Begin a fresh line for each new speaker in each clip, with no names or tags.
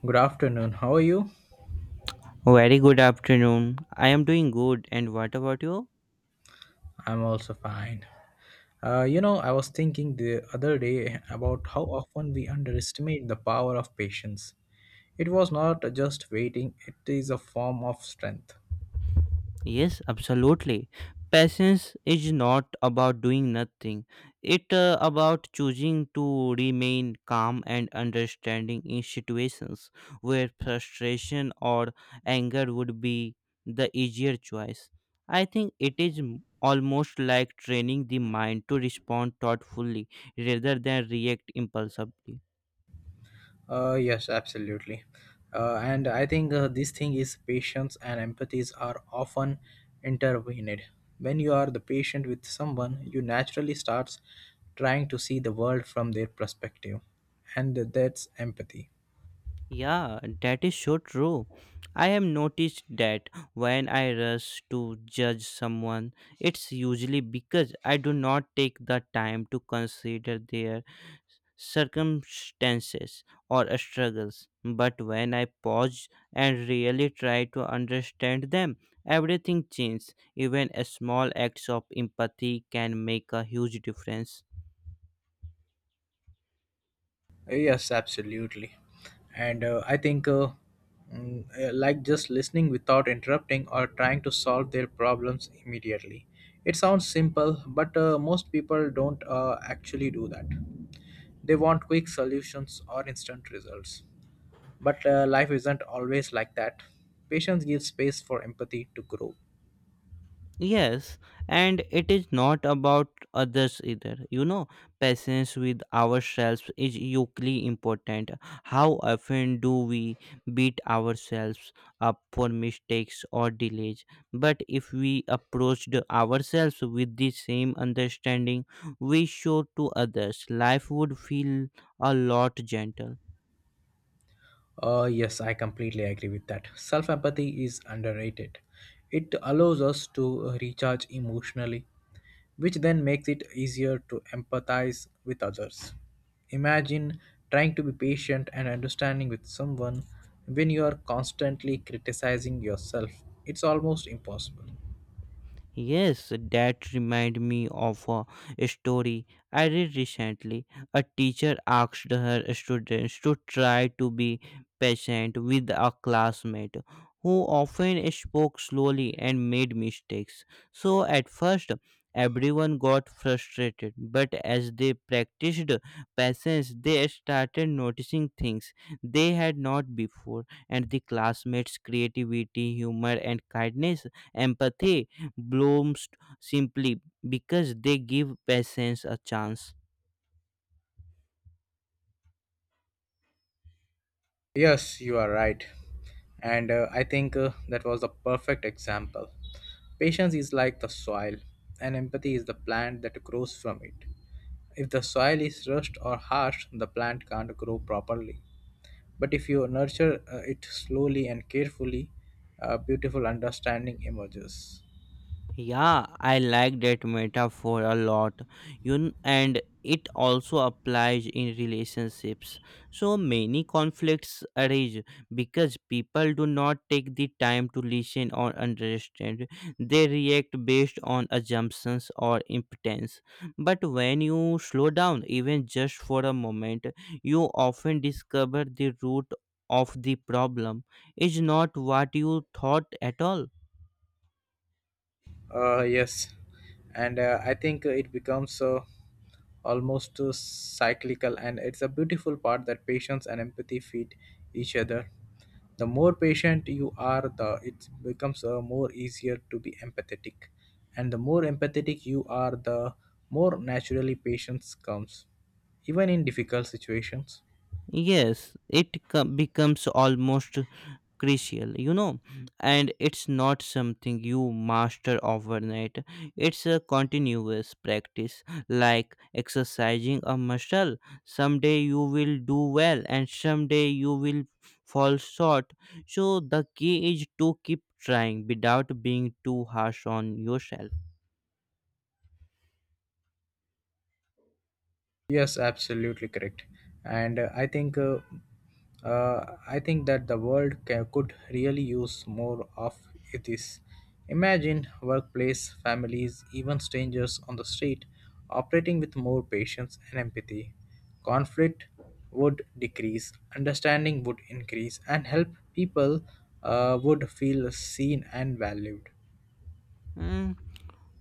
Good afternoon. How are you?
Very good afternoon. I am doing good. And what about you?
I'm also fine. I was thinking the other day about how often we underestimate the power of patience. It was not just waiting, it is a form of strength.
Yes, absolutely. Patience is not about doing nothing. It about choosing to remain calm and understanding in situations where frustration or anger would be the easier choice. I think it is almost like training the mind to respond thoughtfully rather than react impulsively.
Yes, absolutely. And I think this thing is patience and empathies are often intervened. When you are the patient with someone, you naturally starts trying to see the world from their perspective, and that's empathy.
Yeah, that is so true. I have noticed that when I rush to judge someone, it's usually because I do not take the time to consider their circumstances or struggles. But when I pause and really try to understand them, everything changes. Even a small acts of empathy can make a huge difference.
Yes, absolutely. And I think, like just listening without interrupting or trying to solve their problems immediately. It sounds simple, but most people don't actually do that. They want quick solutions or instant results. But life isn't always like that. Patience gives space for empathy to grow.
Yes, and it is not about others either. Patience with ourselves is equally important. How often do we beat ourselves up for mistakes or delays? But if we approached ourselves with the same understanding we show to others, life would feel a lot gentle.
Yes, I completely agree with that. Self empathy is underrated. It allows us to recharge emotionally which then makes it easier to empathize with others. Imagine trying to be patient and understanding with someone when you are constantly criticizing yourself. It's almost impossible.
Yes, that remind me of a story I read recently. A teacher asked her students to try to be patient with a classmate who often spoke slowly and made mistakes. So at first, everyone got frustrated, but as they practiced patience, they started noticing things they had not before, and the classmates' creativity, humor, and kindness, empathy blooms simply because they give patience a chance.
Yes, you are right. And I think that was the perfect example. Patience is like the soil, and empathy is the plant that grows from it. If the soil is rushed or harsh, the plant can't grow properly. But if you nurture it slowly and carefully, a beautiful understanding emerges.
Yeah, I like that metaphor a lot. And it also applies in relationships. So many conflicts arise because people do not take the time to listen or understand. They react based on assumptions or impotence. But when you slow down, even just for a moment, you often discover the root of the problem is not what you thought at all.
Yes, and I think it becomes almost cyclical, and it's a beautiful part that patience and empathy feed each other. The more patient you are, the it becomes more easier to be empathetic, and the more empathetic you are, the more naturally patience comes, even in difficult situations.
Yes, it becomes almost crucial, and it's not something you master overnight. It's a continuous practice, like exercising a muscle. Someday you will do well, and someday you will fall short. So, the key is to keep trying without being too harsh on yourself.
Yes, absolutely correct. And I think that the world could really use more of this. Imagine workplace, families, even strangers on the street operating with more patience and empathy. Conflict would decrease, understanding would increase, and help people would feel seen and valued.
Mm.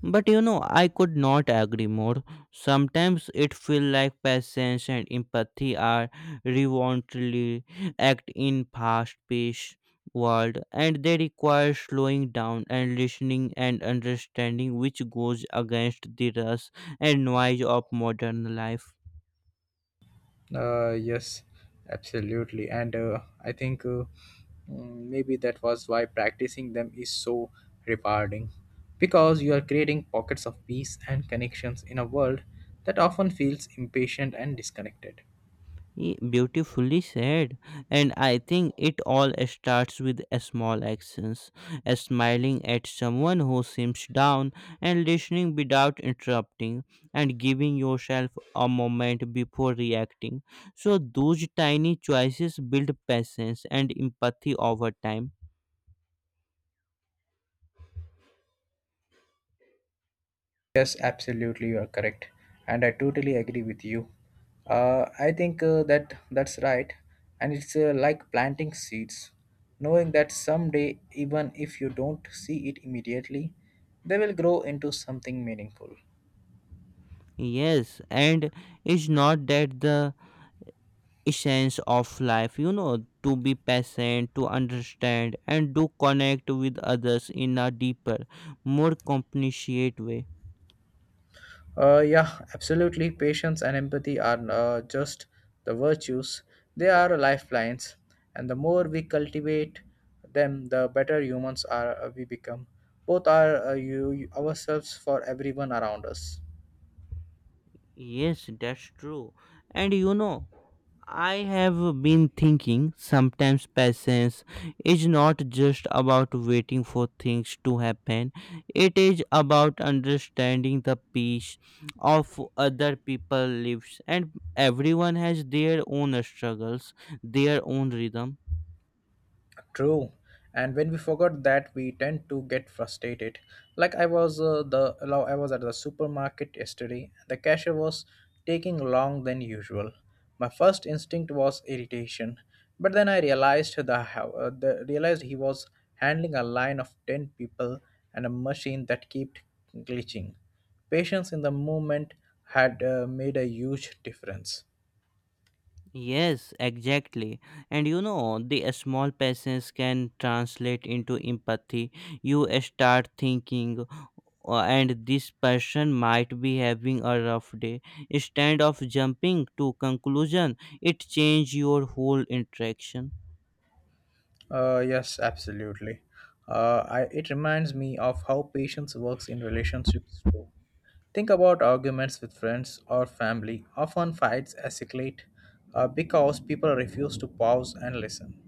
But I could not agree more. Sometimes it feels like patience and empathy are revoltingly act in fast-paced world, and they require slowing down and listening and understanding, which goes against the rush and noise of modern life.
Yes, absolutely. And I think mm, Maybe that was why practicing them is so rewarding because you are creating pockets of peace and connections in a world that often feels impatient and disconnected.
Beautifully said, and I think it all starts with a small actions, a smiling at someone who seems down, and listening without interrupting, and giving yourself a moment before reacting, so those tiny choices build patience and empathy over time.
Yes, absolutely, you are correct, and I totally agree with you. I think that that's right, and it's like planting seeds, knowing that someday, even if you don't see it immediately, they will grow into something meaningful.
Yes, and it's not that the essence of life, to be patient, to understand, and to connect with others in a deeper, more compassionate way.
Yeah, absolutely. Patience and empathy are just the virtues, they are lifelines, and the more we cultivate them, the better humans are we become. Both are you ourselves for everyone around us.
Yes, that's true. And I have been thinking sometimes patience is not just about waiting for things to happen. It is about understanding the peace of other people lives, and everyone has their own struggles, their own rhythm.
True. And when we forgot that, we tend to get frustrated. Like I was I was at the supermarket yesterday. The cashier was taking long than usual. My first instinct was irritation, but then I realized the, how- the realized he was handling a line of 10 people and a machine that kept glitching. Patience in the moment had made a huge difference.
Yes, exactly. And the small patience can translate into empathy. You start thinking, "Oh, and this person might be having a rough day." Instead of jumping to conclusion, it changes your whole interaction.
Yes, absolutely. It reminds me of how patience works in relationships too. Think about arguments with friends or family. Often fights escalate because people refuse to pause and listen.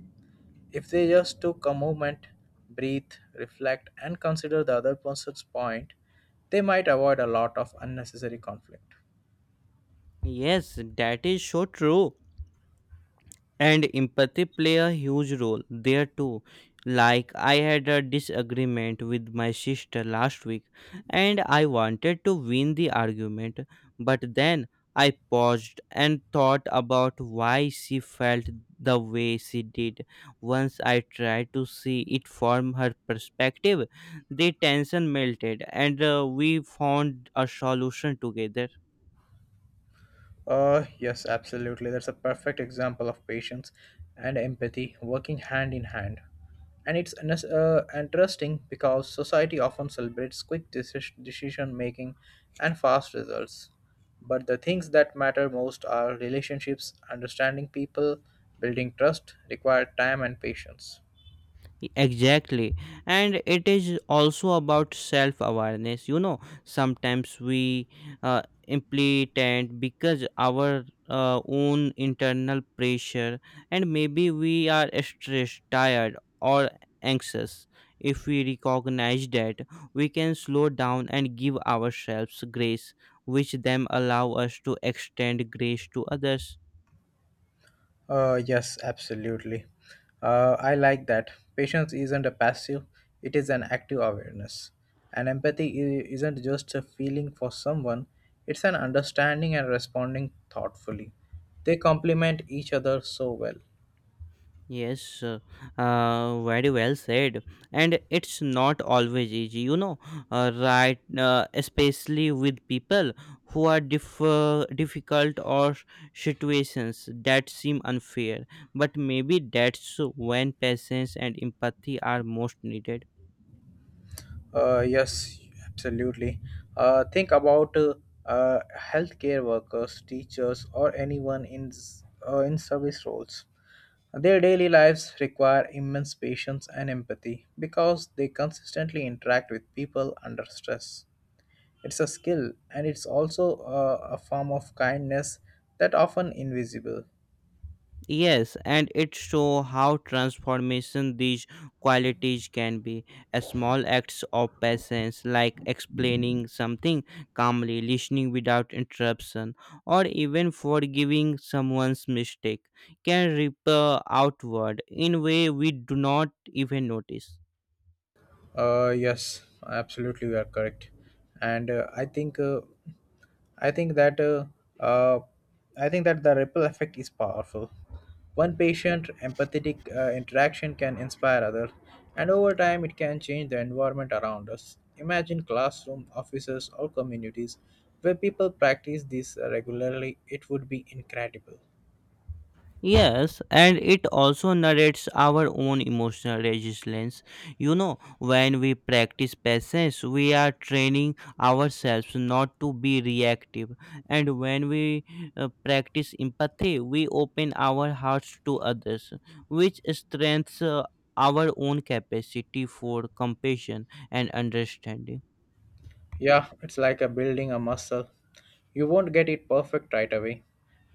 If they just took a moment, breathe, reflect, and consider the other person's point, they might avoid a lot of unnecessary conflict.
Yes, that is so true. And empathy play a huge role there too. Like, I had a disagreement with my sister last week, and I wanted to win the argument. But then I paused and thought about why she felt the way she did. Once I tried to see it from her perspective, the tension melted, and we found a solution together.
Yes, absolutely. That's a perfect example of patience and empathy working hand in hand. And it's interesting because society often celebrates quick decision making and fast results. But the things that matter most are relationships, understanding people, building trust, require time and patience.
Exactly. And it is also about self awareness. Sometimes we uh, implement because our own internal pressure, and maybe we are stressed, tired, or anxious. If we recognize that, we can slow down and give ourselves grace, which then allow us to extend grace to others.
Yes, absolutely. I like that. Patience isn't a passive, it is an active awareness. And empathy isn't just a feeling for someone, it's an understanding and responding thoughtfully. They complement each other so well.
Yes, very well said. And it's not always easy, right? Especially with people who are difficult or situations that seem unfair. But maybe that's when patience and empathy are most needed.
Yes, absolutely. Think about healthcare workers, teachers, or anyone in in service roles. Their daily lives require immense patience and empathy because they consistently interact with people under stress. It's a skill, and it's also a form of kindness that often invisible.
Yes, and it show how transformation these qualities can be. A small acts of patience, like explaining something calmly, listening without interruption, or even forgiving someone's mistake, can ripple outward in way we do not even notice.
Yes, absolutely, you are correct, and I think that uh, uh, I think that the ripple effect is powerful. One patient empathetic interaction can inspire others, and over time it can change the environment around us. Imagine classroom, offices, or communities where people practice this regularly. It would be incredible.
Yes, and it also narrates our own emotional resilience. When we practice patience, we are training ourselves not to be reactive. And when we practice empathy, we open our hearts to others, which strengthens our own capacity for compassion and understanding.
Yeah, it's like a building a muscle. You won't get it perfect right away,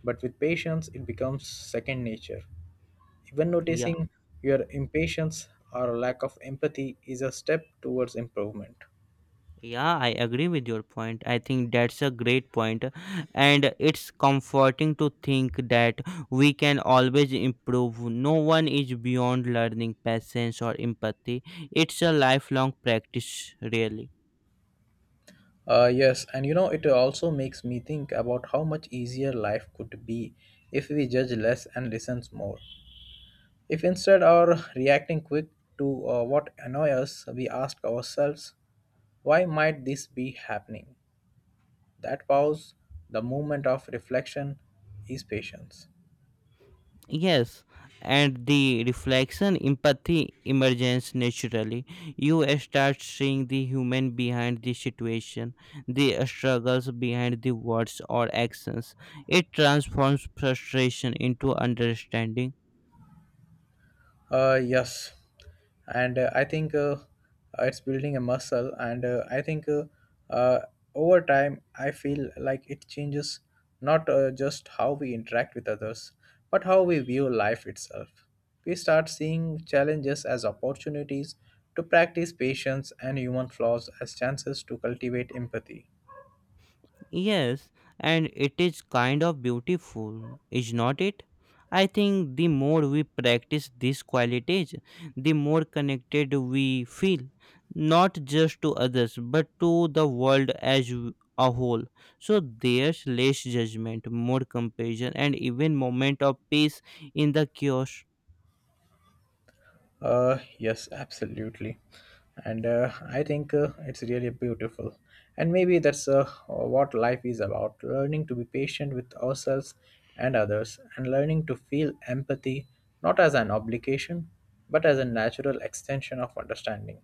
but with patience, it becomes second nature. Even
Yeah.
noticing your impatience or lack of empathy is a step towards improvement.
Yeah, I agree with your point. I think that's a great point, and it's comforting to think that we can always improve. No one is beyond learning patience or empathy. It's a lifelong practice, really.
Yes, and you know, it also makes me think about how much easier life could be if we judge less and listens more. If instead of reacting quick to what annoys us, we ask ourselves, why might this be happening? That pause, the moment of reflection, is patience.
Yes, and the reflection empathy emerges naturally. You start seeing the human behind the situation, the struggles behind the words or actions. It transforms frustration into understanding.
Yes, and I think it's building a muscle, and I think uh, over time I feel like it changes not just how we interact with others, but how we view life itself. We start seeing challenges as opportunities to practice patience and human flaws as chances to cultivate empathy.
Yes, and it is kind of beautiful, is not it? I think the more we practice these qualities, the more connected we feel, not just to others, but to the world as a whole. So there's less judgment, more compassion, and even moment of peace in the chaos.
Yes, absolutely. And I think it's really beautiful. And maybe that's what life is about learning to be patient with ourselves and others, and learning to feel empathy not as an obligation, but as a natural extension of understanding.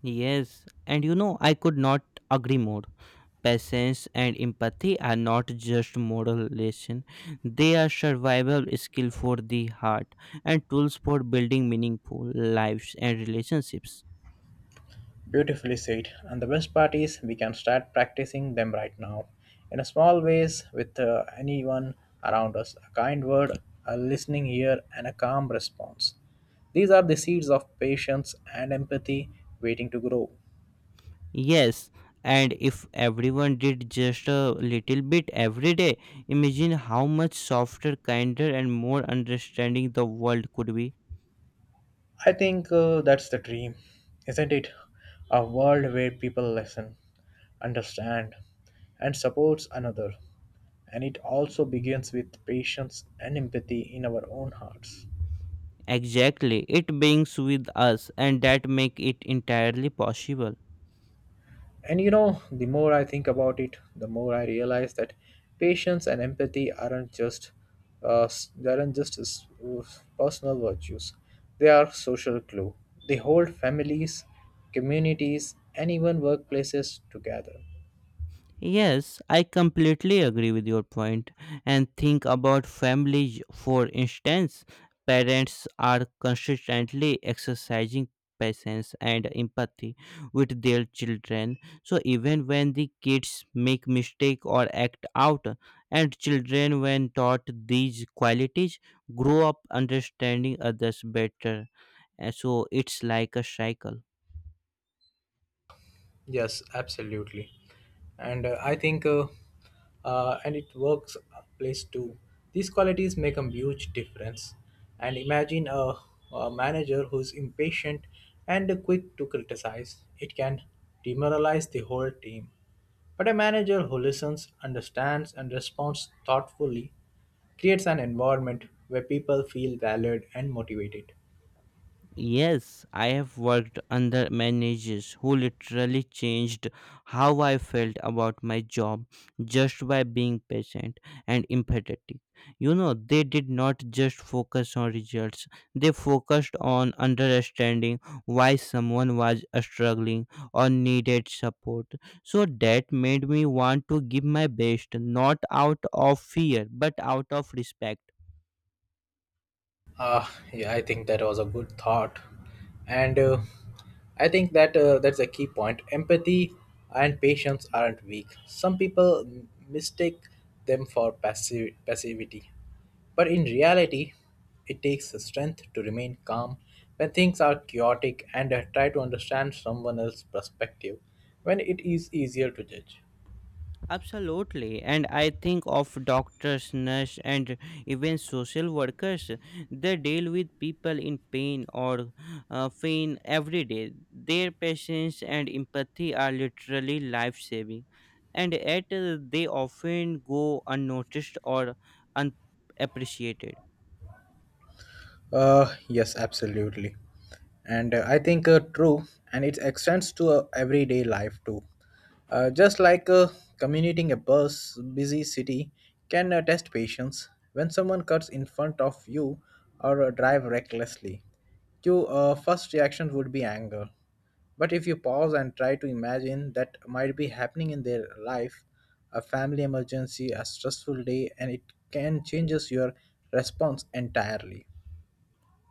Yes, and I could not agree more. Patience and empathy are not just moral lessons, they are survival skills for the heart and tools for building meaningful lives and relationships.
Beautifully said. And the best part is we can start practicing them right now. In a small ways with anyone around us. A kind word, a listening ear, and a calm response. These are the seeds of patience and empathy waiting to grow.
Yes, and if everyone did just a little bit every day, imagine how much softer, kinder, and more understanding the world could be.
I think that's the dream, isn't it? A world where people listen, understand, and supports another. And it also begins with patience and empathy in our own hearts.
Exactly, it beings with us, and that make it entirely possible.
And you know, the more I think about it, the more I realize that patience and empathy aren't just personal virtues. They are social glue. They hold families, communities, and even workplaces together.
Yes, I completely agree with your point. And think about families, for instance, parents are consistently exercising patience and empathy with their children. So even when the kids make mistake or act out, and children when taught these qualities grow up understanding others better. And so it's like a cycle.
Yes, absolutely. And uh, I think, uh, and it works place too. These qualities make a huge difference. And imagine a manager who's impatient and quick to criticize. It can demoralize the whole team. But a manager who listens, understands, and responds thoughtfully creates an environment where people feel valued and motivated.
Yes, I have worked under managers who literally changed how I felt about my job just by being patient and empathetic. They did not just focus on results, they focused on understanding why someone was struggling or needed support. So that made me want to give my best, not out of fear, but out of respect.
Uh, yeah, I think that was a good thought, and I think that that's a key point. Empathy and patience aren't weak. Some people mistake them for passive passivity, but in reality, it takes strength to remain calm when things are chaotic and try to understand someone else's perspective when it is easier to judge.
Absolutely, and I think of doctors, nurses, and even social workers. They deal with people in pain every day. Their patience and empathy are literally life saving, and yet they often go unnoticed or unappreciated.
Yes, absolutely. And I think true, and it extends to everyday life too. Just like commuting a bus, busy city can test patience. When someone cuts in front of you or drive recklessly, your first reaction would be anger. But if you pause and try to imagine that might be happening in their life, a family emergency, a stressful day, and it can changes your response entirely.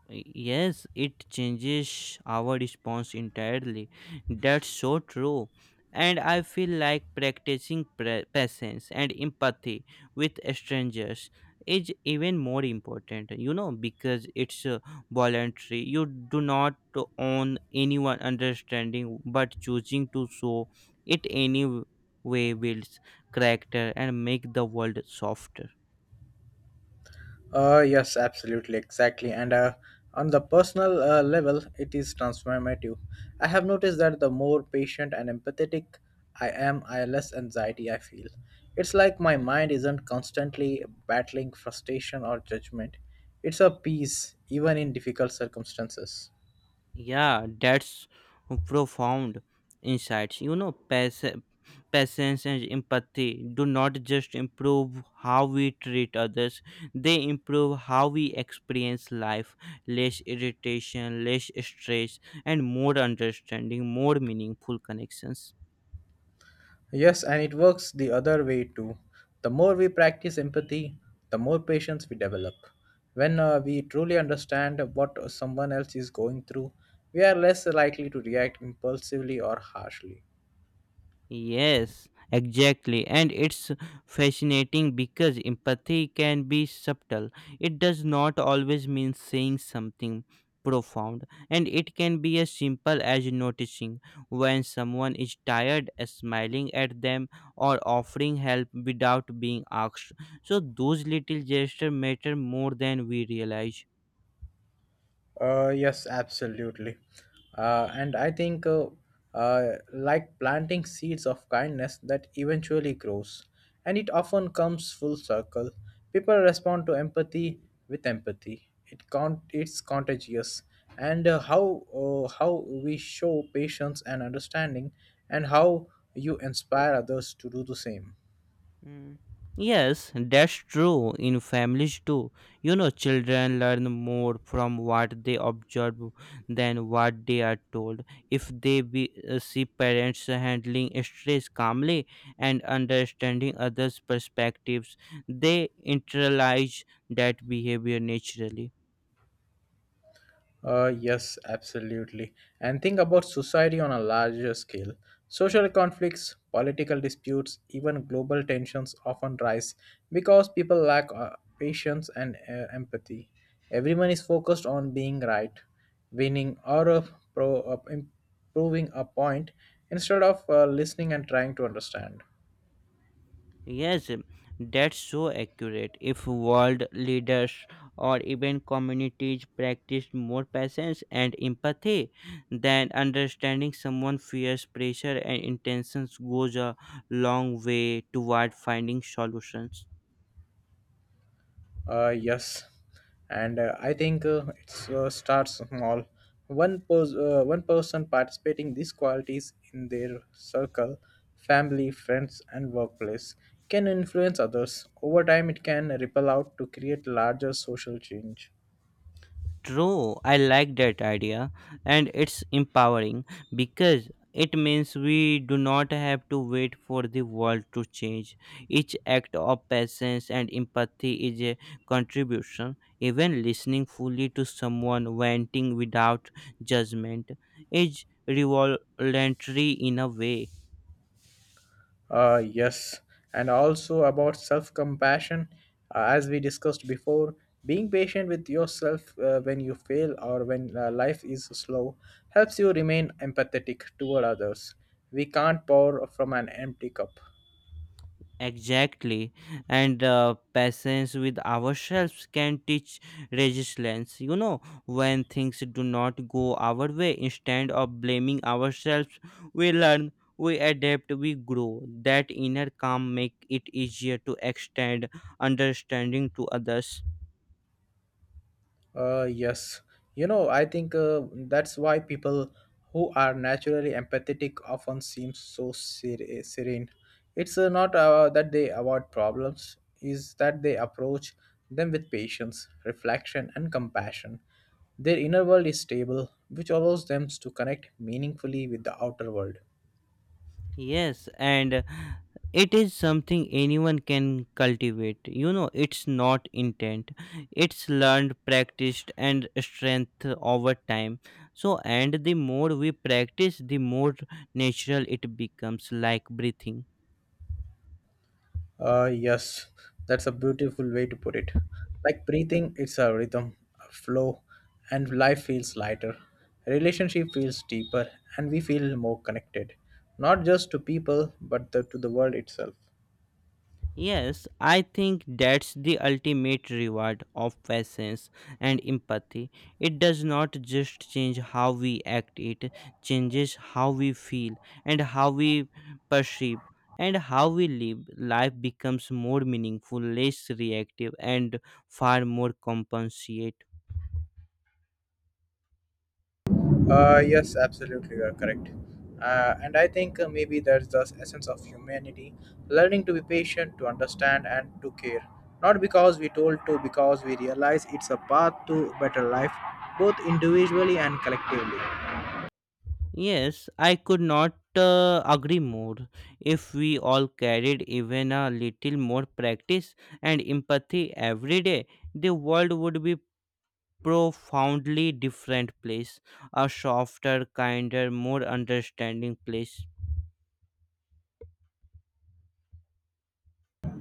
Yes, it changes our response entirely. That's so true. And I feel like practicing patience and empathy with strangers is even more important, because it's voluntary. You do not own anyone understanding, but choosing to show it anyway builds character and make the world softer.
Yes, absolutely, exactly. And on the personal level, it is transformative. I have noticed that the more patient and empathetic I am, I less anxiety I feel. It's like my mind isn't constantly battling frustration or judgment. It's a peace, even in difficult circumstances.
Yeah, that's profound insights. Patience and empathy do not just improve how we treat others, they improve how we experience life less irritation, less stress, and more understanding, more meaningful connections.
Yes, and it works the other way too. The more we practice empathy, the more patience we develop. When we truly understand what someone else is going through, we are less likely to react impulsively or harshly.
Yes, exactly. And it's fascinating because empathy can be subtle. It does not always mean saying something profound, and it can be as simple as noticing when someone is tired, smiling at them, or offering help without being asked. So, those little gestures matter more than we realize.
Yes, absolutely. Uh, and I think, uh, like planting seeds of kindness that eventually grows, and it often comes full circle. People respond to empathy with empathy. It's contagious, and how we show patience and understanding, and how you inspire others to do the same.
Mm. Yes, that's true in families too. Children learn more from what they observe than what they are told. If they see parents handling stress calmly and understanding others' perspectives, they internalize that behavior naturally.
Yes, absolutely. And think about society on a larger scale. Social conflicts, political disputes, even global tensions often rise because people lack patience and empathy. Everyone is focused on being right, winning, or improving a point instead of listening and trying to understand.
Yes, that's so accurate. If world leaders or even communities practiced more patience and empathy, then understanding someone fears pressure and intentions goes a long way toward finding solutions.
Yes, and I think it starts small. One one person participating these qualities in their circle, family, friends, and workplace can influence others. Over time, it can ripple out to create larger social change.
True, I like that idea, and it's empowering because it means we do not have to wait for the world to change. Each act of patience and empathy is a contribution. Even listening fully to someone venting without judgment is revolutionary in a way.
Yes, and also about self compassion. As we discussed before, being patient with yourself when you fail or when life is slow helps you remain empathetic toward others. We can't pour from an empty cup.
Exactly, and patience with ourselves can teach resilience. When things do not go our way, instead of blaming ourselves, we learn, we adapt, we grow. That inner calm make it easier to extend understanding to others.
Yes. I think that's why people who are naturally empathetic often seem so serene. It's not that they avoid problems, is that they approach them with patience, reflection, and compassion. Their inner world is stable, which allows them to connect meaningfully with the outer world.
Yes, and it is something anyone can cultivate. It's not intent. It's learned, practiced, and strength over time. So, and the more we practice, the more natural it becomes, like breathing.
Yes, that's a beautiful way to put it. Like breathing, it's a rhythm, a flow, and life feels lighter. Relationship feels deeper, and we feel more connected, not just to people, but to the world itself.
Yes, I think that's the ultimate reward of patience and empathy. It does not just change how we act, it changes how we feel and how we perceive and how we live. Life becomes more meaningful, less reactive, and far more compassionate.
Yes, absolutely, you are correct. And I think maybe that's the essence of humanity learning to be patient, to understand, and to care. Not because we told to, because we realize it's a path to better life, both individually and collectively.
Yes, I could not agree more. If we all carried even a little more practice and empathy every day, the world would be profoundly different place, a softer, kinder, more understanding place.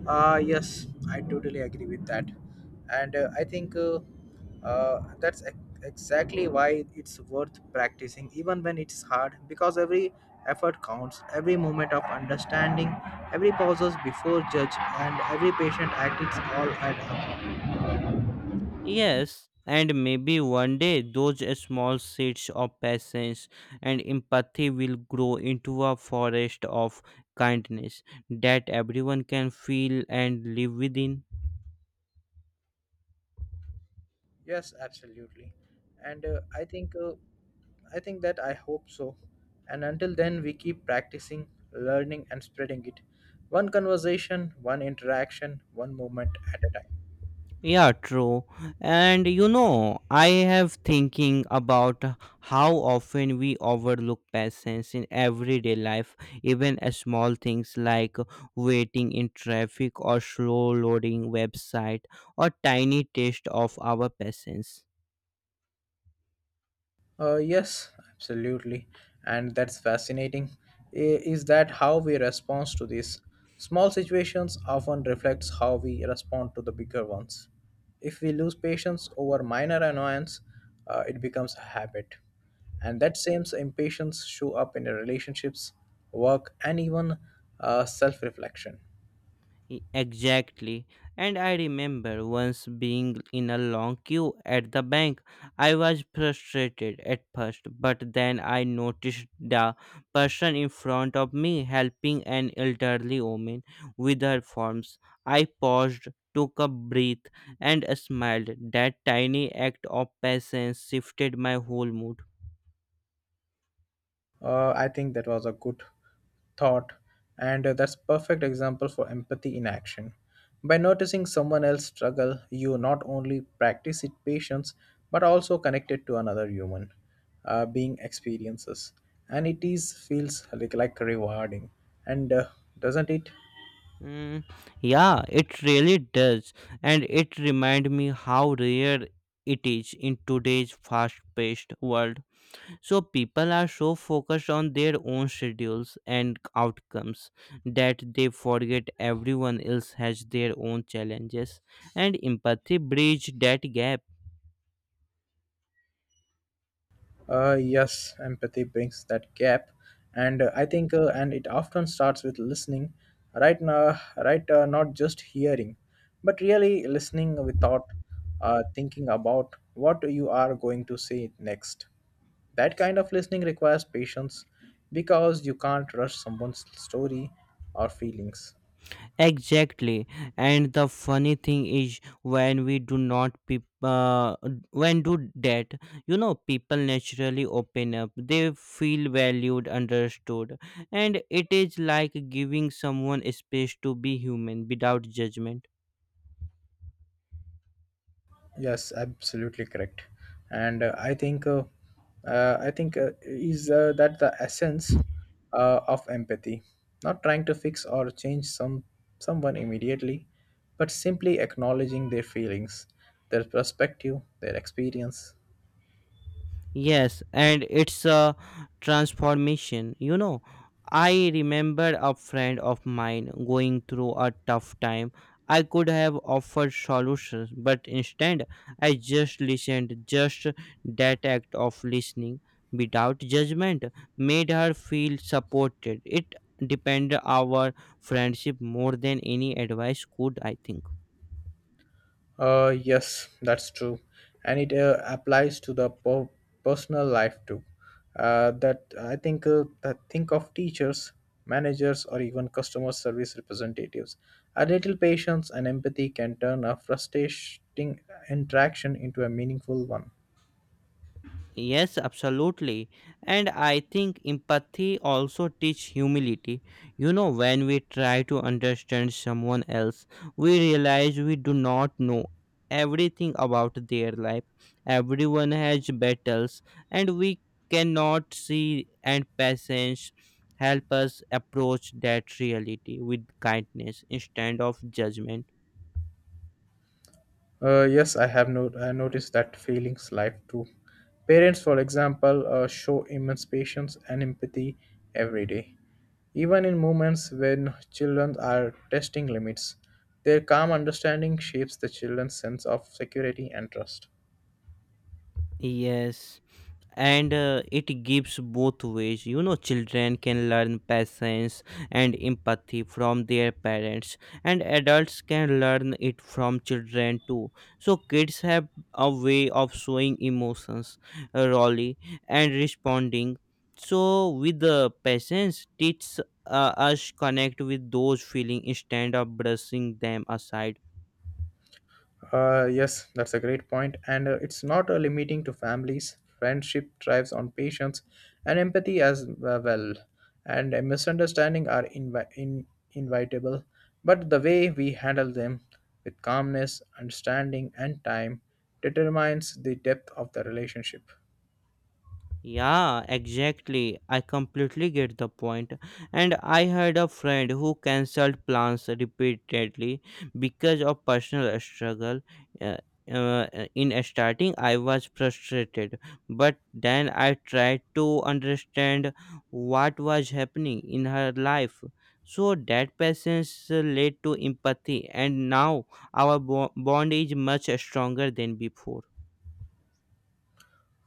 Yes, I totally agree with that. And I think uh, that's ex- exactly why it's worth practicing, even when it's hard, because every effort counts, every moment of understanding, every pauses before judge, and every patient act it's all add up.
Yes, and maybe one day those small seeds of patience and empathy will grow into a forest of kindness that everyone can feel and live within.
Yes, absolutely. And I think that I hope so. And until then, we keep practicing, learning, and spreading it. One conversation, one interaction, one moment at a time.
Yeah, true. And you know, I have thinking about how often we overlook patience in everyday life, even a small things like waiting in traffic or slow loading website or tiny test of our patience.
Yes, absolutely. And that's fascinating. Is that how we respond to these? Small situations often reflects how we respond to the bigger ones. If we lose patience over minor annoyance, it becomes a habit. And that same impatience show up in our relationships, work, and even self-reflection.
Exactly. And I remember once being in a long queue at the bank. I was frustrated at first, but then I noticed the person in front of me helping an elderly woman with her forms. I paused, took a breath, and smiled. That tiny act of patience shifted my whole mood.
I think that was a good thought, and that's perfect example for empathy in action. By noticing someone else struggle, you not only practice it patience but also connect it to another human being experiences, and it is feels like rewarding, and doesn't it?
Mm, yeah, it really does, and it reminds me how rare it is in today's fast-paced world. So people are so focused on their own schedules and outcomes that they forget everyone else has their own challenges, and empathy bridge that gap.
Yes, empathy brings that gap, and it often starts with listening, right? Now, right, not just hearing, but really listening without thinking about what you are going to say next. That kind of listening requires patience because you can't rush someone's story or feelings.
Exactly. And the funny thing is when we do not peop when do that, you know, people naturally open up. They feel valued, understood. And it is like giving someone space to be human without judgment.
Yes, absolutely correct. And I think is that the essence of empathy, not trying to fix or change someone immediately, but simply acknowledging their feelings, their perspective, their experience.
Yes, and it's a transformation. You know, I remember a friend of mine going through a tough time. I could have offered solutions, but instead, I just listened. Just that act of listening without judgment made her feel supported. It depended our friendship more than any advice could, I think.
Yes, that's true, and it applies to the personal life too. That I think that think of teachers, managers, or even customer service representatives. A little patience and empathy can turn a frustrating interaction into a meaningful one.
Yes, absolutely. And I think empathy also teach humility. You know, when we try to understand someone else, we realize we do not know everything about their life. Everyone has battles and we cannot see and patience help us approach that reality with kindness instead of judgment.
Yes, I have no- I noticed that feelings life too. Parents, for example, show immense patience and empathy every day. Even in moments when children are testing limits, their calm understanding shapes the children's sense of security and trust.
Yes, and it gives both ways, you know, children can learn patience and empathy from their parents, and adults can learn it from children too. So kids have a way of showing emotions really and responding, so with the patience teach us connect with those feeling instead of brushing them aside.
Yes, that's a great point, and it's not limiting to families. Friendship thrives on patience and empathy as well, and misunderstanding are inevitable. But the way we handle them with calmness, understanding, and time determines the depth of the relationship.
Yeah, exactly. I completely get the point. And I had a friend who cancelled plans repeatedly because of personal struggle. Uh, in starting, I was frustrated, but then I tried to understand what was happening in her life. So that patience led to empathy, and now our bond is much stronger than before.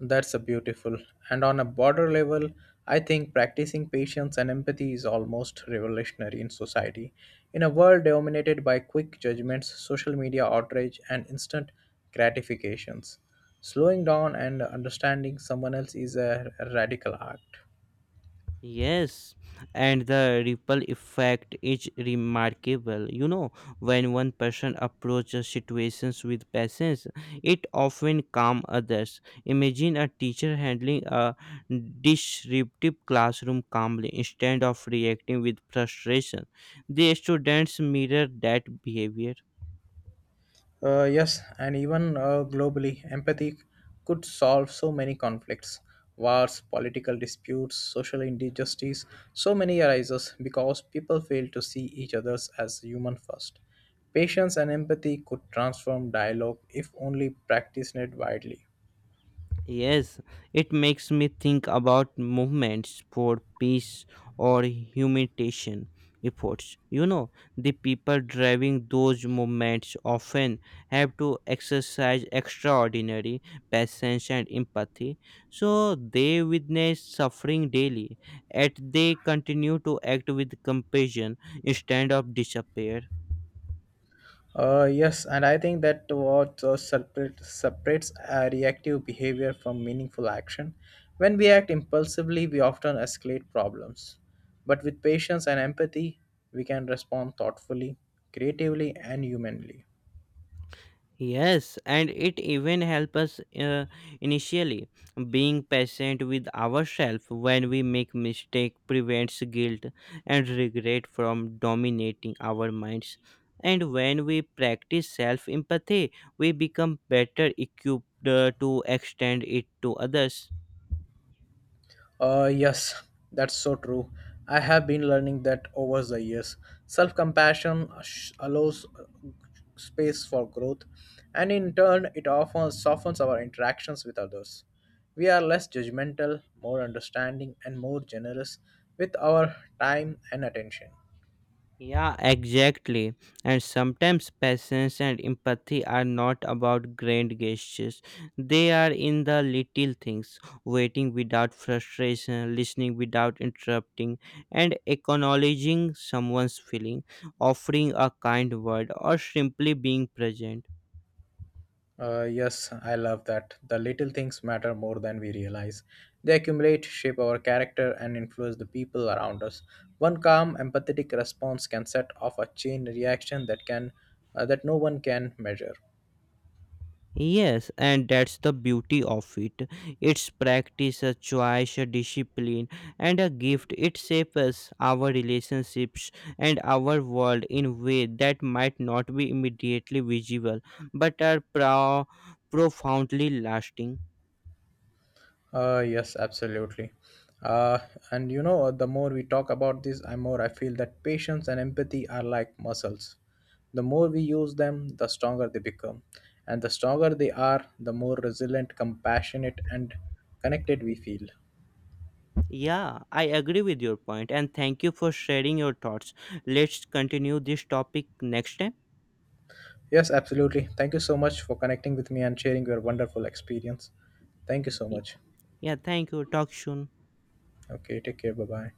That's a beautiful. And on a broader level, I think practicing patience and empathy is almost revolutionary in society. In a world dominated by quick judgments, social media outrage, and instant gratifications, slowing down and understanding someone else is a radical act.
Yes, and the ripple effect is remarkable. You know, when one person approaches situations with patience, it often calms others. Imagine a teacher handling a disruptive classroom calmly instead of reacting with frustration. The students mirror that behavior.
Yes, and even globally, empathy could solve so many conflicts, wars, political disputes, social injustice. So many arises because people fail to see each others as human first. Patience and empathy could transform dialogue if only practiced widely.
Yes, it makes me think about movements for peace or humiliation efforts. You know, the people driving those movements often have to exercise extraordinary patience and empathy, so they witness suffering daily, yet they continue to act with compassion instead of despair.
Yes, and I think that what separates reactive behavior from meaningful action. When we act impulsively, we often escalate problems. But with patience and empathy, we can respond thoughtfully, creatively, and humanly.
Yes, and it even helps us initially. Being patient with ourselves when we make mistake prevents guilt and regret from dominating our minds. And when we practice self empathy, we become better equipped to extend it to others.
Yes, that's so true. I have been learning that over the years. Self compassion allows space for growth, and in turn, it often softens our interactions with others. We are less judgmental, more understanding, and more generous with our time and attention.
Yeah, exactly. And sometimes patience and empathy are not about grand gestures. They are in the little things, waiting without frustration, listening without interrupting, and acknowledging someone's feeling, offering a kind word, or simply being present.
Yes, I love that. The little things matter more than we realize. They accumulate, shape our character, and influence the people around us. One calm, empathetic response can set off a chain reaction that can that no one can measure.
Yes, and that's the beauty of it. It's practice, a choice, a discipline, and a gift. It shapes our relationships and our world in ways that might not be immediately visible but are profoundly lasting.
Yes, absolutely. Uh, the more we talk about this, I more I feel that patience and empathy are like muscles. The more we use them, the stronger they become, and the stronger they are, the more resilient, compassionate, and connected we feel.
Yeah, I agree with your point, and thank you for sharing your thoughts. Let's continue this topic next time.
Yes, absolutely. Thank you so much for connecting with me and sharing your wonderful experience. Thank you so
Y-
much.
Yeah, thank you. Talk soon.
Okay, take care. Bye bye.